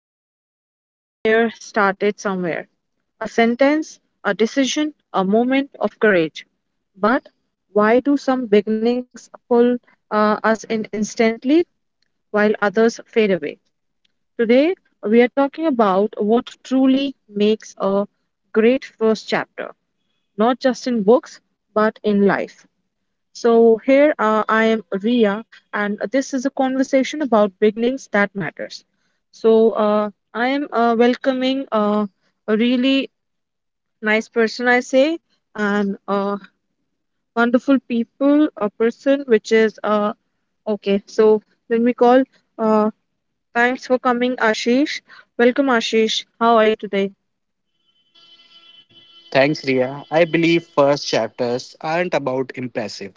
story we admire started somewhere, a sentence, a decision, a moment of courage. But why do some beginnings pull us in instantly while others fade away? Today, we are talking about what truly makes a great first chapter, not just in books, but in life. So here I am Ria, and this is a conversation about beginnings that matters. I am welcoming a really nice person, I say, and a wonderful people, a person which is okay. So let me call. Uh, Thanks for coming, Ashish. Welcome, Ashish. How are you today? Thanks, Ria. I believe first chapters aren't about impressive.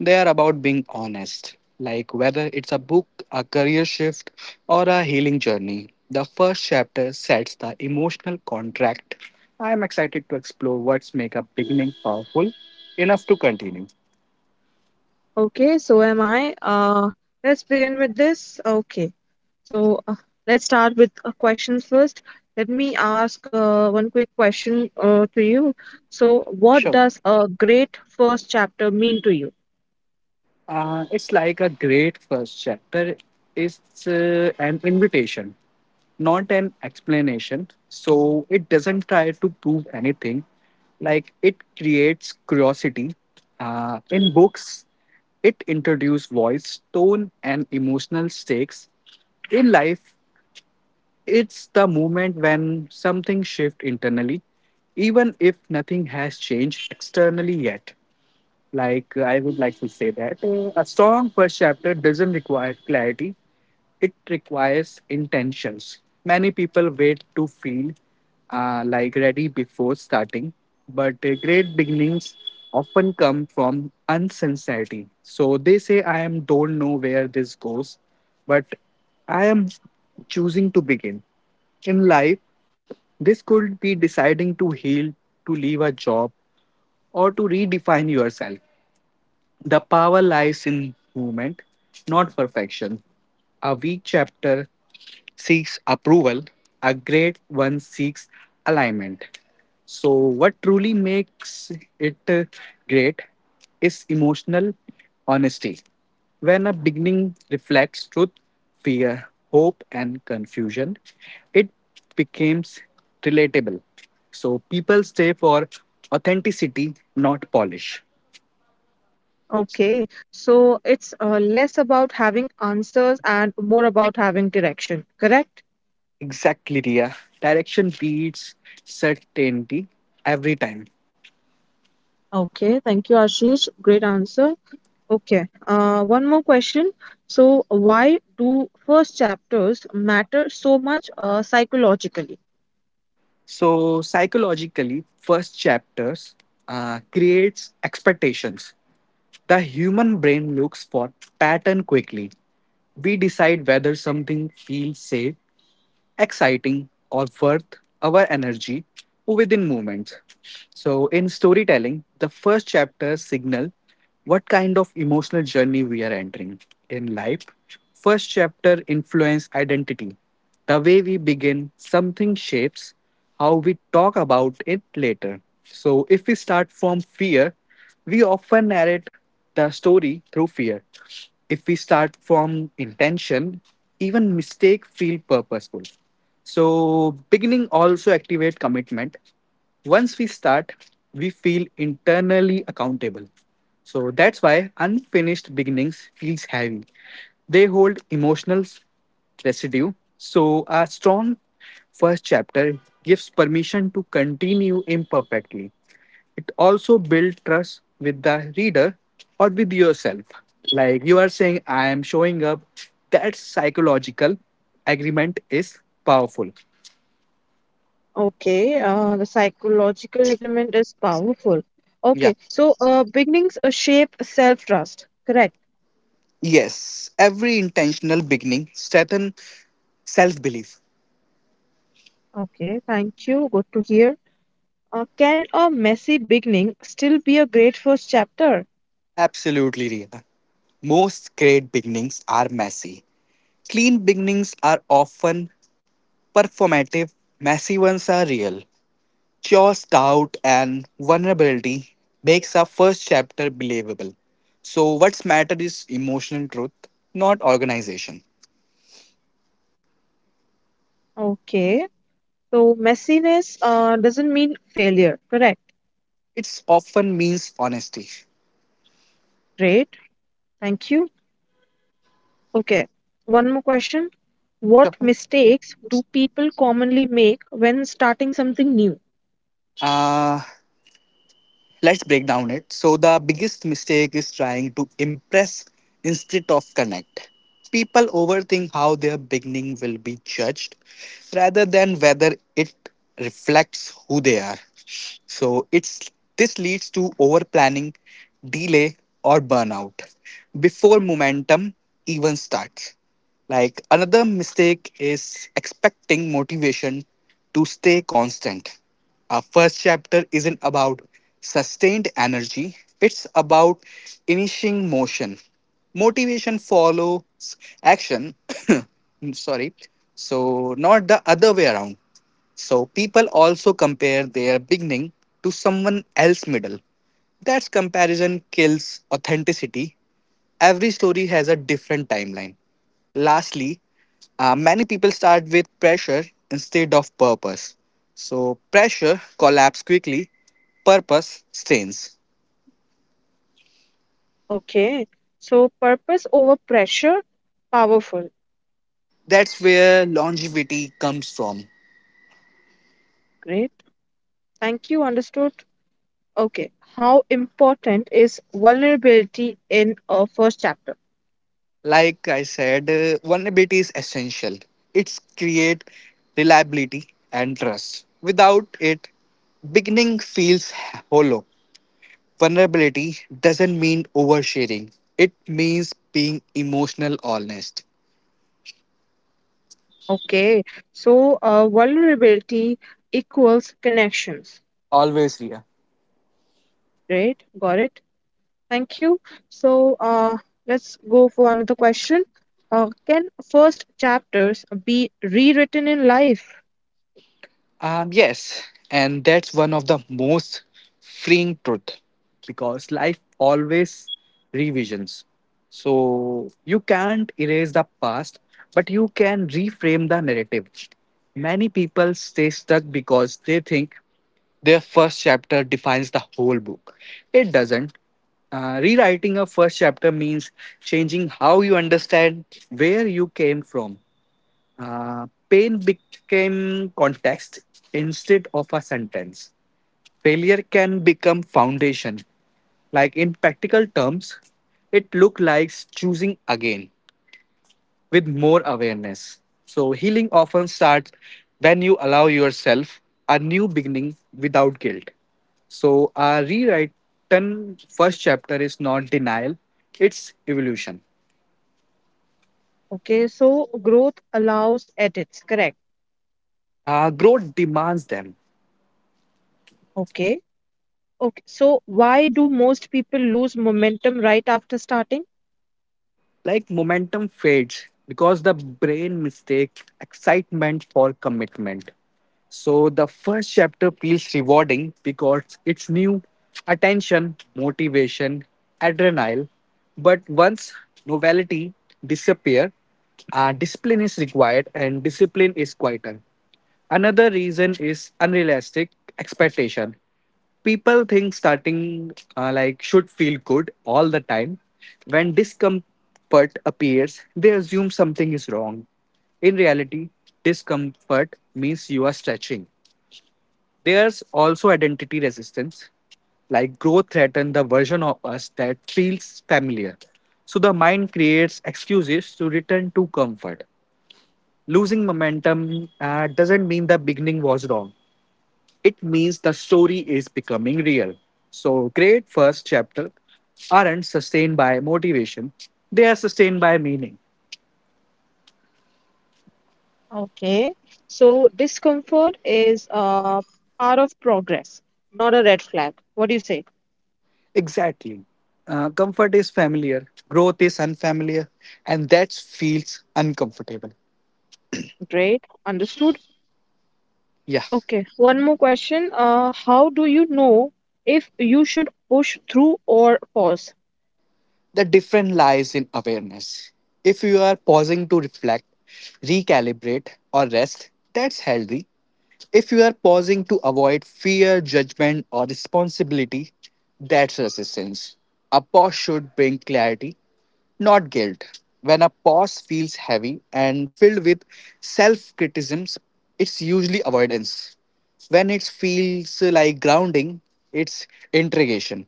They are about being honest. Like whether it's a book, a career shift, or a healing journey, the first chapter sets the emotional contract. I am excited to explore what's make a beginning powerful enough to continue. Okay, so am I. Let's begin with this. Okay, so let's start with questions first. Let me ask one quick question to you. So, what Sure. does a great first chapter mean to you? It's like a great first chapter. It's an invitation. Not an explanation. So it doesn't try to prove anything. Like it creates curiosity. In books, it introduces voice, tone, and emotional stakes. In life, it's the moment when something shifts internally, even if nothing has changed externally yet. Like, I would like to say that a strong first chapter doesn't require clarity, it requires intentions. Many people wait to feel like ready before starting, but great beginnings often come from unsincerity. So they say, I am don't know where this goes, but I am choosing to begin. In life, this could be deciding to heal, to leave a job, or to redefine yourself. The power lies in movement, not perfection. A weak chapter seeks approval, a great one seeks alignment. So, what truly makes it great is emotional honesty. When a beginning reflects truth, fear, hope, and confusion, it becomes relatable. So, people stay for authenticity, not polish. Okay, so it's less about having answers and more about having direction, correct? Exactly, Ria. Direction beats certainty every time. Okay, thank you, Ashish. Great answer. Okay, one more question. So, why do first chapters matter so much psychologically? So psychologically, first chapters creates expectations. The human brain looks for pattern quickly. We decide whether something feels safe exciting, or worth our energy within moments. So, in storytelling, the first chapter signal what kind of emotional journey we are entering in life. First chapter influence identity. The way we begin something shapes how we talk about it later. So, if we start from fear, we often narrate the story through fear. If we start from intention, even mistake feel purposeful. So beginning also activate commitment. Once we start, we feel internally accountable. So that's why unfinished beginnings feels heavy. They hold emotional residue. So a strong first chapter gives permission to continue imperfectly, it also builds trust with the reader or with yourself. Like you are saying, I am showing up. That psychological agreement is powerful. Okay, the psychological agreement is powerful. Yeah. Okay, so beginnings shape self-trust, correct? Yes. Every intentional beginning strengthens self belief. Okay, thank you. Good to hear. Can a messy beginning still be a great first chapter? Absolutely real. Most great beginnings are messy. Clean beginnings are often performative, messy ones are real. Chaos, doubt, and vulnerability makes our first chapter believable. So, what's matter is emotional truth, not organization. Okay, so messiness doesn't mean failure, correct? It's often means honesty. Great, thank you. Okay, one more question. What Sure. mistakes do people commonly make when starting something new? Uh, Let's break down it. So, the biggest mistake is trying to impress instead of connect. People overthink how their beginning will be judged rather than whether it reflects who they are. So, it's this leads to over planning, delay, or burnout before momentum even starts. Like another mistake is expecting motivation to stay constant. Our first chapter isn't about sustained energy, it's about initiating motion. Motivation follows action. Sorry. So, not the other way around. So, people also compare their beginning to someone else's middle. That's comparison kills authenticity. Every story has a different timeline. Lastly, many people start with pressure instead of purpose. So, pressure collapses quickly, purpose strains. Okay, so purpose over pressure, powerful. That's where longevity comes from. Great. Thank you. Understood. Okay, how important is vulnerability in a first chapter? Like I said, vulnerability is essential. It's create reliability and trust. Without it, beginning feels hollow. Vulnerability doesn't mean oversharing, it means being emotional honest. Okay, so vulnerability equals connections. Always, Ria. Great, got it. Thank you. So let's go for another question. Can first chapters be rewritten in life? Yes, and that's one of the most freeing truth because life always revisions. So you can't erase the past, but you can reframe the narrative. Many people stay stuck because they think their first chapter defines the whole book. It doesn't. Rewriting a first chapter means changing how you understand where you came from. Pain became context instead of a sentence. Failure can become foundation. Like in practical terms, it looks like choosing again with more awareness. So, healing often starts when you allow yourself a new beginning without guilt. So, our rewritten first chapter is not denial, it's evolution. Okay, so growth allows edits, correct. Growth demands them. Okay, okay. So why do most people lose momentum right after starting? Like momentum fades because the brain mistakes excitement for commitment. So the first chapter feels rewarding because it's new attention, motivation, adrenaline. But once novelty disappear, discipline is required and discipline is quieter. Another reason is unrealistic expectation, people think starting like should feel good all the time. When discomfort appears they assume something is wrong. In reality, discomfort means you are stretching. There's also identity resistance, like growth threatens the version of us that feels familiar, so the mind creates excuses to return to comfort. Losing momentum doesn't mean the beginning was wrong, it means the story is becoming real. So, great first chapter aren't sustained by motivation, they are sustained by meaning. Okay, so discomfort is part of progress, not a red flag. What do you say? Exactly. Comfort is familiar, growth is unfamiliar, and that feels uncomfortable. Great, understood. Yeah. Okay, one more question. How do you know if you should push through or pause? The difference lies in awareness. If you are pausing to reflect, recalibrate, or rest, that's healthy. If you are pausing to avoid fear, judgment, or responsibility, that's resistance. A pause should bring clarity, not guilt. When a pause feels heavy and filled with self criticisms, it's usually avoidance. When it feels like grounding, it's integration.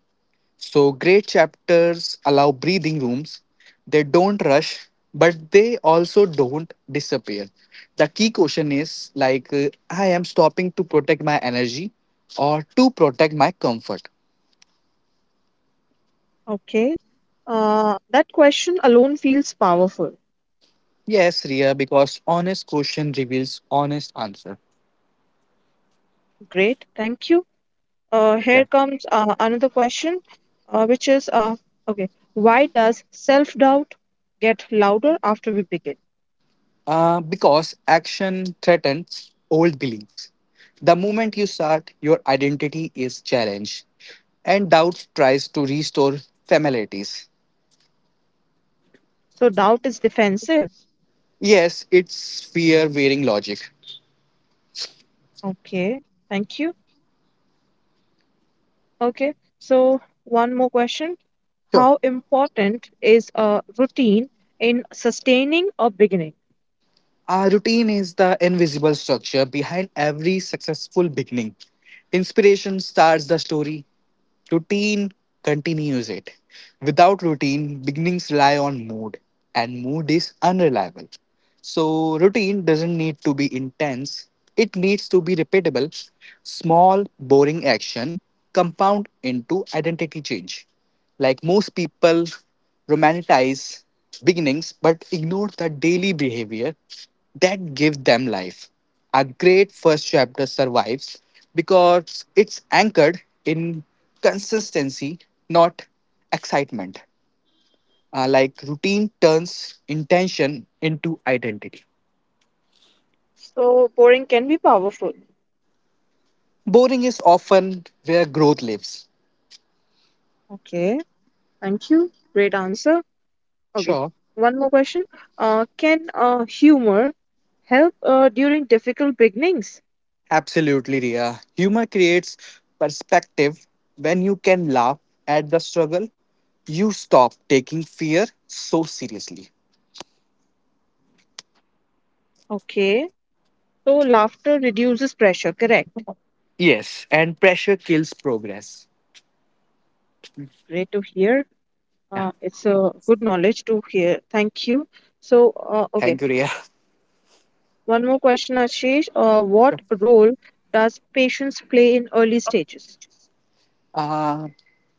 So, great chapters allow breathing rooms. They don't rush, but they also don't disappear. The key question is like, I am stopping to protect my energy or to protect my comfort. Okay, that question alone feels powerful. Yes, Ria, because honest question reveals honest answer. Great, thank you. Here Yeah. comes another question, which is okay, why does self doubt get louder after we begin? Because action threatens old beliefs. The moment you start, your identity is challenged, and doubt tries to restore familiarities. So, doubt is defensive. Yes, it's fear wearing logic. Okay, thank you. Okay, so one more question. Sure. How important is a routine in sustaining a beginning? Our routine is the invisible structure behind every successful beginning. Inspiration starts the story, routine continues it. Without routine, beginnings rely on mood, and mood is unreliable. So, routine doesn't need to be intense, it needs to be repeatable. Small, boring action compound into identity change. Like most people romanticize beginnings but ignore the daily behavior that give them life. A great first chapter survives because it's anchored in consistency, not excitement. Like routine turns intention into identity. So, boring can be powerful. Boring is often where growth lives. Okay, thank you. Great answer. Okay, Sure. one more question. Can humor help during difficult beginnings? Absolutely, Ria. Humor creates perspective. When you can laugh at the struggle, you stop taking fear so seriously. Okay, so laughter reduces pressure, correct? Yes, and pressure kills progress. Great to hear. Yeah. It's a good knowledge to hear. Thank you. So Thank you, Ria. one more question, Ashish. What role does patience play in early stages? Uh,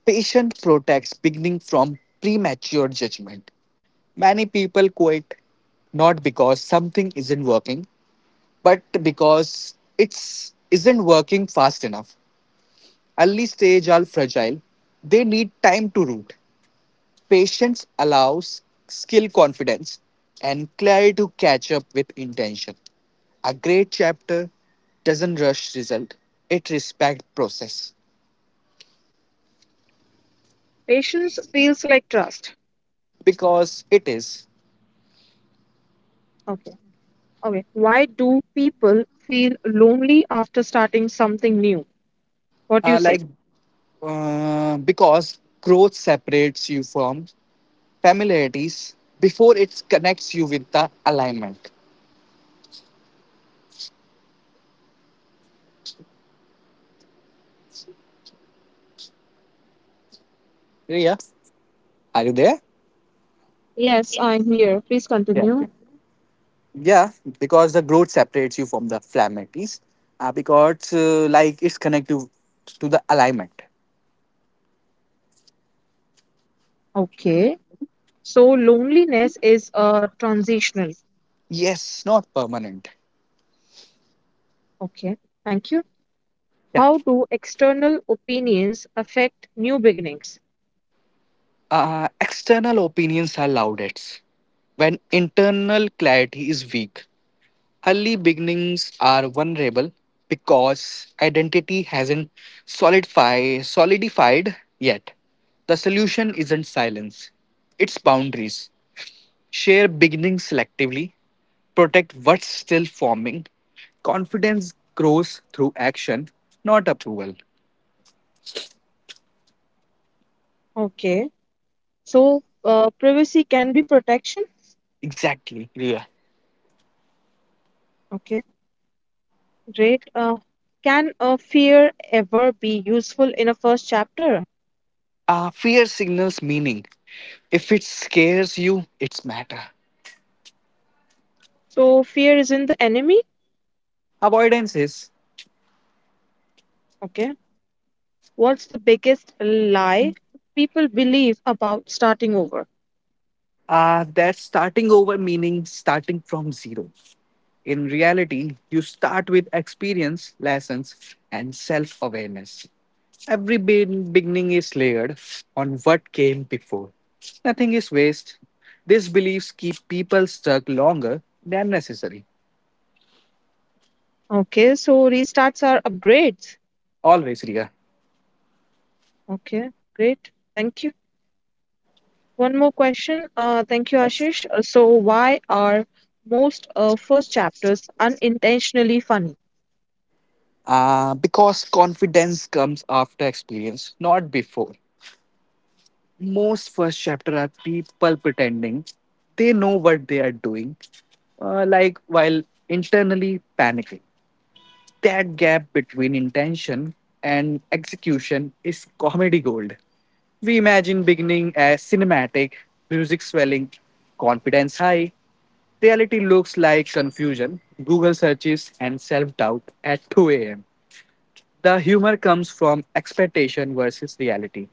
patient protects beginning from premature judgment. Many people quit not because something isn't working, but because it's isn't working fast enough. Early stage are fragile. They need time to root. Patience allows skill, confidence, and clarity to catch up with intention. A great chapter doesn't rush result; it respects process Patience feels like trust. because it is Okay, okay. Why do people feel lonely after starting something new? What do uh, you say? like because growth separates you from familiarities before it connects you with the alignment. Yeah, are you there? Yes, I'm here. Please Yeah. continue. Yeah, because the growth separates you from the flammates, because like it's connected to the alignment. Okay, so loneliness is transitional. Yes, not permanent. Okay, thank you. Yeah. How do external opinions affect new beginnings? External opinions are loudest when internal clarity is weak. Early beginnings are vulnerable because identity hasn't solidified yet. The solution isn't silence, it's boundaries. Share beginnings selectively, protect what's still forming. Confidence grows through action, not approval. Okay, so privacy can be protection. Exactly, Ria. Okay, great. Can a fear ever be useful in a first chapter? Fear signals meaning. If it scares you, it's matter. So, fear isn't the enemy. Avoidance is Okay, what's the biggest lie people believe about starting over? That starting over meaning starting from zero. In reality, you start with experience, lessons, and self awareness. Beginning is layered on what came before. Nothing is waste. These beliefs keep people stuck longer than necessary. Okay, so restarts are upgrades. Always, Ria. Okay, great. Thank you. One more question. Thank you, Yes. Ashish. So why are most first chapters unintentionally funny? Because confidence comes after experience, not before. Most first chapter are people pretending they know what they are doing, while internally panicking. That gap between intention and execution is comedy gold. We imagine beginning as cinematic, music swelling, confidence high. Reality looks like confusion, Google searches, and self doubt at 2 a.m. The humor comes from expectation versus reality.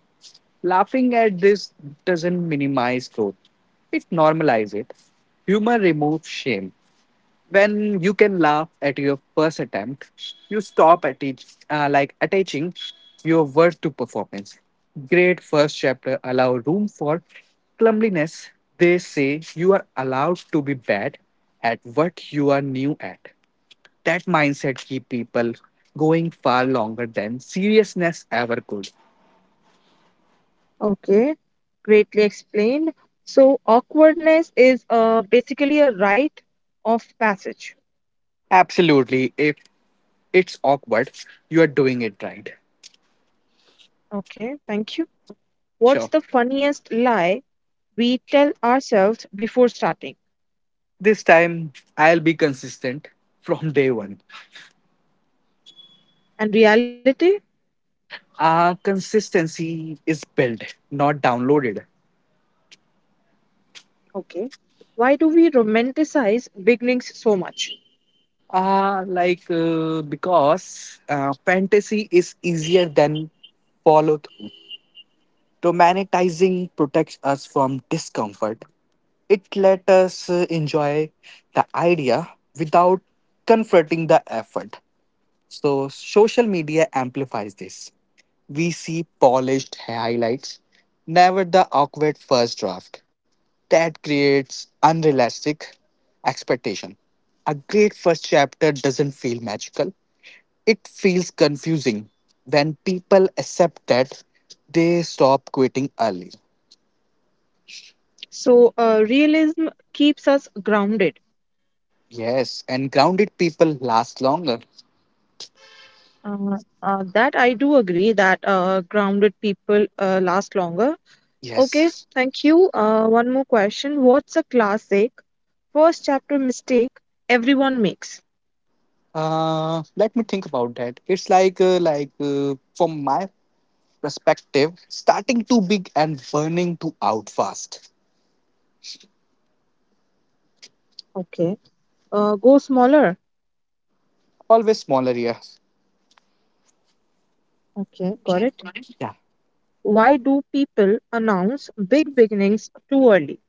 Laughing at this doesn't minimize growth, it normalizes it. Humor removes shame. When you can laugh at your first attempt you stop at each, like attaching your worth to performance. Great first chapter allow room for clumsiness, they say you are allowed to be bad at what you are new at. That mindset keep people going far longer than seriousness ever could. Okay, greatly explained. So, awkwardness is basically a rite of passage. Absolutely, if it's awkward you are doing it right. Okay, thank you. What's Sure. the funniest lie we tell ourselves before starting? This time I'll be consistent from day one. And reality? Consistency is built, not downloaded. Okay. Why do we romanticize beginnings so much? Like because Fantasy is easier than follow through. Romanticizing protects us from discomfort. It let us enjoy the idea without confronting the effort. So social media amplifies this. We see polished highlights, never the awkward first draft. That creates unrealistic expectation. A great first chapter doesn't feel magical. It feels confusing. When people accept that they stop quitting early. So, realism keeps us grounded. Yes, and grounded people last longer. That I do agree that grounded people last longer. Okay, Yes. thank you. One more question. What's a classic first chapter mistake everyone makes? Let me think about that. It's like from my perspective, starting too big and burning too out fast. Okay, go smaller. Always smaller here. Okay, got it. Yeah. Why do people announce big beginnings too early?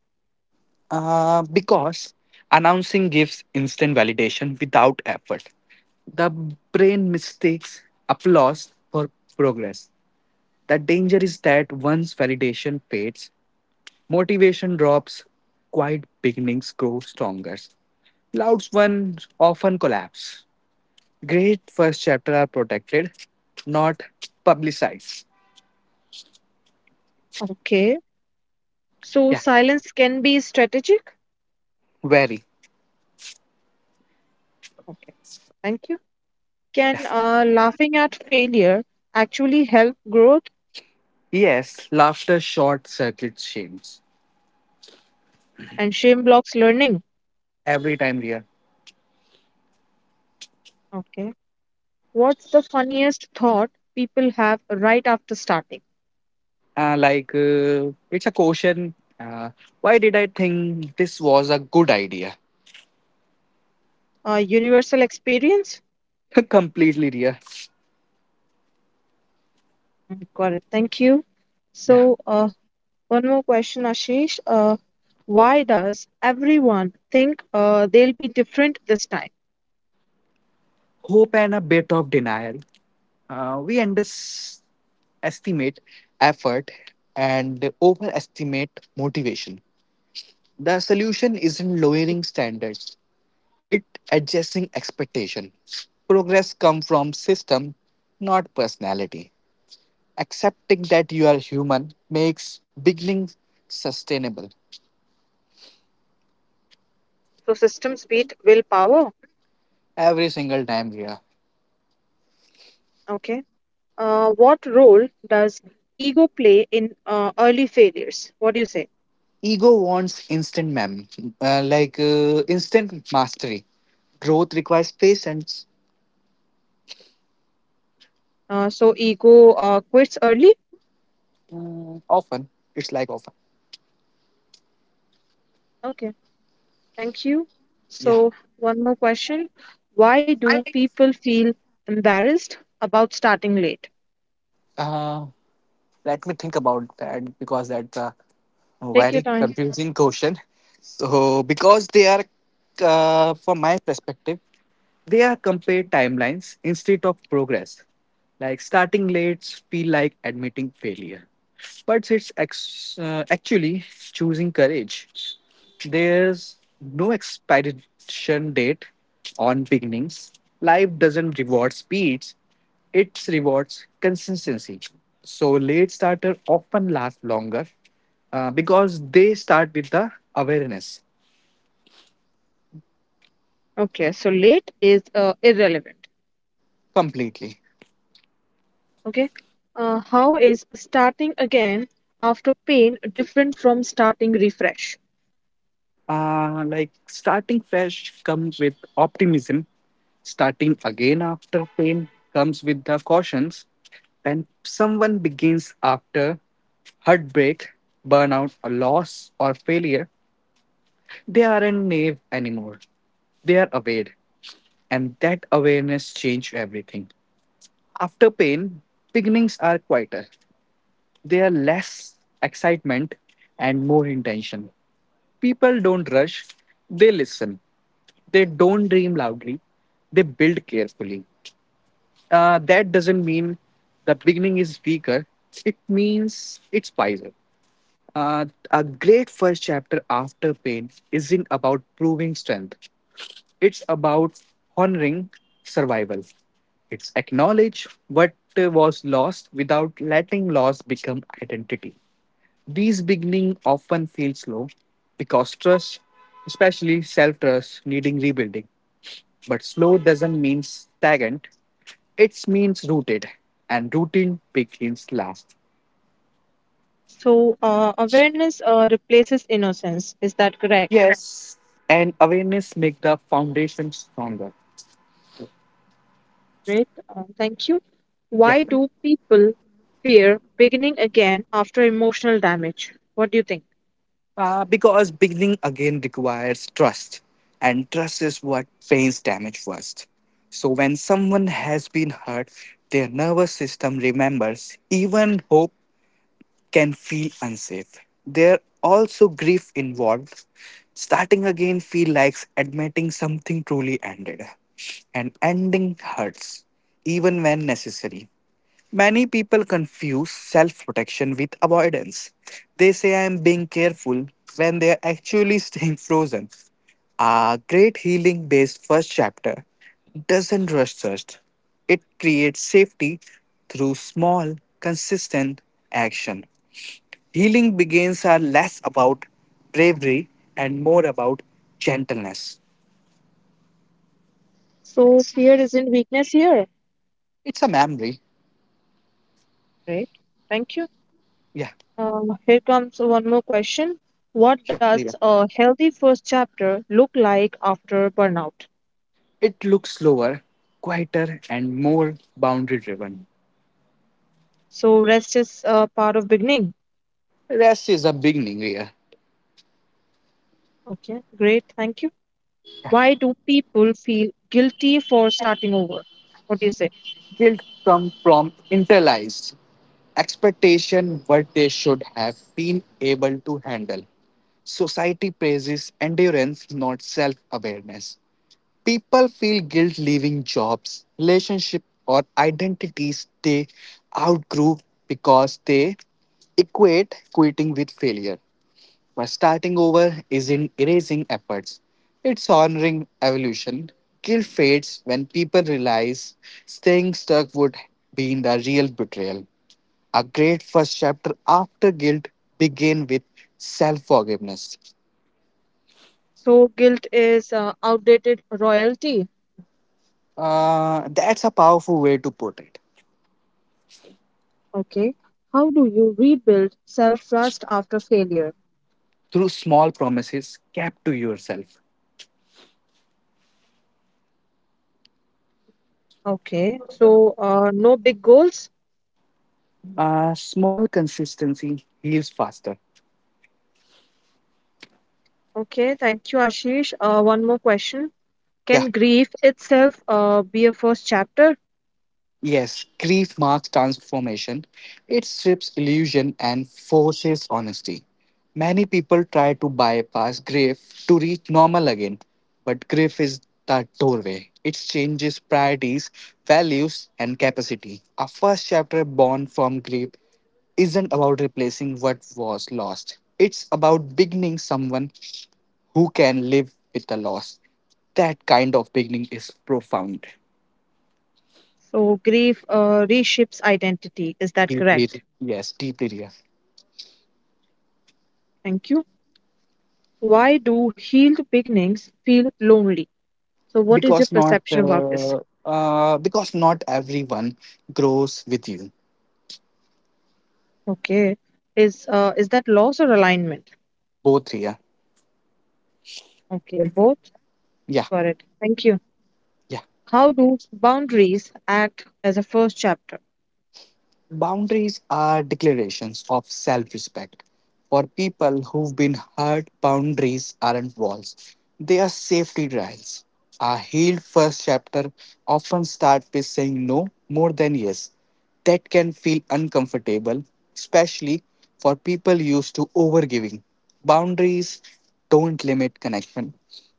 Because announcing gives instant validation without effort. The brain mistakes applause for progress. The danger is that once validation fades, motivation drops, quiet beginnings grow stronger. Loud ones often collapse. Great first chapter are protected, not publicized. Okay, Yeah, so silence can be strategic. very. Okay, thank you. Can laughing at failure actually help growth Yes, laughter short circuits shames. and shame blocks learning? Every time. Okay. What's the funniest thought people have right after starting? It's a question. Uh, why did I think this was a good idea? A universal experience? Completely real. Got it. Thank you. Yeah. So one more question, Ashish. Why does everyone think they'll be different this time? Hope and a bit of denial. We underestimate effort and overestimate motivation. The solution isn't lowering standards, it adjusting expectation. Progress come from system, not personality. Accepting that you are human makes beginning sustainable. So, systems beat willpower. Every single time, yeah. Okay. What role does ego play in early failures? What do you say? Ego wants instant mem, like instant mastery. Growth requires patience. So, ego quits early? Mm, often, it's like often. Okay. Thank you. So, Yeah. one more question. Why do people feel embarrassed about starting late? Uh, Let me think about that because that's a Take your very time. confusing question. So, because they are, from my perspective, they are compared timelines instead of progress. Like starting late feel like admitting failure, but it's actually choosing courage. There's no expiration date on beginnings. Life doesn't reward speeds, it rewards consistency. So late starter often last longer because they start with the awareness Okay, so late is irrelevant. completely. Okay. How is starting again after pain different from starting refresh? Like starting fresh comes with optimism. Starting again after pain comes with the cautions. And someone begins after heartbreak, burnout, or loss or failure, they aren't naive anymore. They are aware. And that awareness changed everything. After pain, beginnings are quieter. They are less excitement and more intention. People don't rush, they listen. They don't dream loudly, they build carefully. That doesn't mean the beginning is weaker, it means it's wiser. Uh, a great first chapter after pain isn't about proving strength, it's about honoring survival. It's acknowledge what was lost without letting loss become identity. These beginning often feel slow because trust, especially self-trust, needing rebuilding. But slow doesn't mean stagnant. It means rooted, and rooted begins last. So, awareness replaces innocence. Is that correct? Yes, and awareness make the foundation stronger. Great. Thank you. Yeah, Why do people fear beginning again after emotional damage? What do you think? Because beginning again requires trust, and trust is what pains damage first. So when someone has been hurt, their nervous system remembers. Even hope can feel unsafe. There also grief involved. Starting again feel like admitting something truly ended, and ending hurts, even when necessary. Many people confuse self protection with avoidance. They say I am being careful when they are actually staying frozen. A great healing based first chapter doesn't rush search, it creates safety through small, consistent action. Healing begins are less about bravery and more about gentleness. So fear isn't weakness here. It's a memory. Great. Thank you. Yeah, Here comes one more question. What sure. does Priya. a healthy first chapter look like after burnout? It looks slower, quieter, and more boundary driven. So rest is part of beginning. Rest is a beginning, Ria. Okay, great. Thank you. Why do people feel guilty for starting over? What do you say? Guilt comes from internalized expectation what they should have been able to handle. Society praises endurance, not self awareness. People feel guilt leaving jobs, relationships, or identities they outgrew because they equate quitting with failure. My starting over isn't erasing efforts, it's honoring evolution. Guilt fades when people realize staying stuck would be the real betrayal. A great first chapter after guilt begin with self-forgiveness. So guilt is outdated royalty. That's a powerful way to put it. Okay. How do you rebuild self-trust after failure? Through small promises kept to yourself. Okay. So no big goals. Small consistency heals faster. Okay. Thank you, Ashish. One more question. Yeah. Can grief itself be a first chapter? Yes, grief marks transformation. It strips illusion and forces honesty. Many people try to bypass grief to reach normal again, but grief is the doorway. It changes priorities, values, and capacity. Our first chapter, Born from Grief, isn't about replacing what was lost, it's about beginning someone who can live with the loss. That kind of beginning is profound. So, grief reshapes identity. Is that Deeply, correct? yes, deeply real. Thank you. Why do healed beginnings feel lonely? So, what is your because not perception about this? uh, because not everyone grows with you. Okay. Is that loss or alignment? Both here. Okay, both. Yeah, Got it. Thank you. yeah. How do boundaries act as a first chapter? Boundaries are declarations of self-respect. For people who've been hurt, boundaries aren't walls, they are safety trials. A healed first chapter often starts with saying no more than yes. That can feel uncomfortable, especially for people used to overgiving. Boundaries don't limit connection,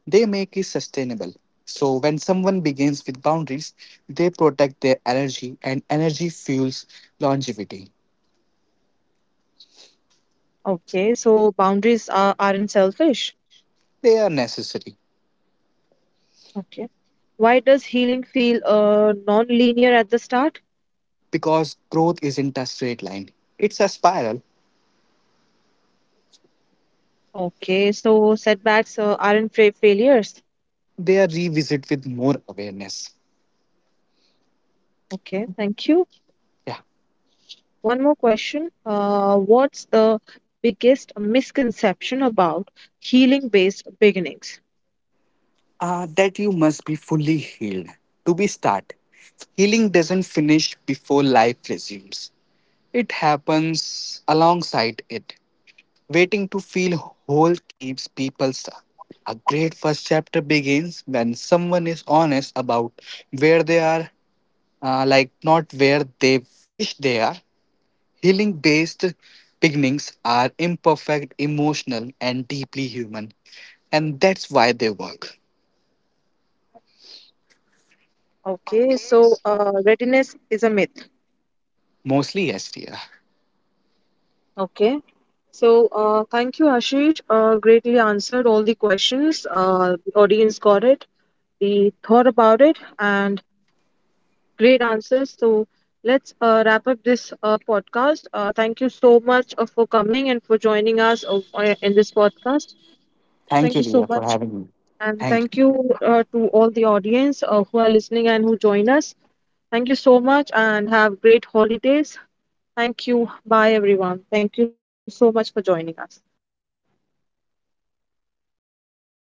they make it sustainable. So, when someone begins with boundaries, they protect their energy, and energy fuels longevity. Okay, so aren't selfish. They are necessary Okay. Why does healing feel non linear at the start? because growth isn't a straight line, it's a spiral. Okay, so setbacks aren't fa- failures. They are revisited with more awareness. Okay, thank you. Yeah. One more question. What's the biggest misconception about healing-based beginnings? That you must be fully healed. To be start, healing doesn't finish before life resumes. It happens alongside it. Waiting to feel whole keeps people stuck. A great first chapter begins when someone is honest about where they are, not where they wish they are. Healing based beginnings are imperfect, emotional, and deeply human. And that's why they work. Okay, so readiness is a myth. Mostly, yes, dear. Okay, so thank you, Ashish. Greatly answered all the questions. The audience got it. They thought about it, and great answers. So let's wrap up this podcast. Thank you so much for coming and for joining us in this podcast. Thank you, Thank you Ria, so for much. having me. And Thank you. thank you to all the audience who are listening and who join us. Thank you so much and have great holidays. Thank you. Bye, everyone. Thank you so much for joining us.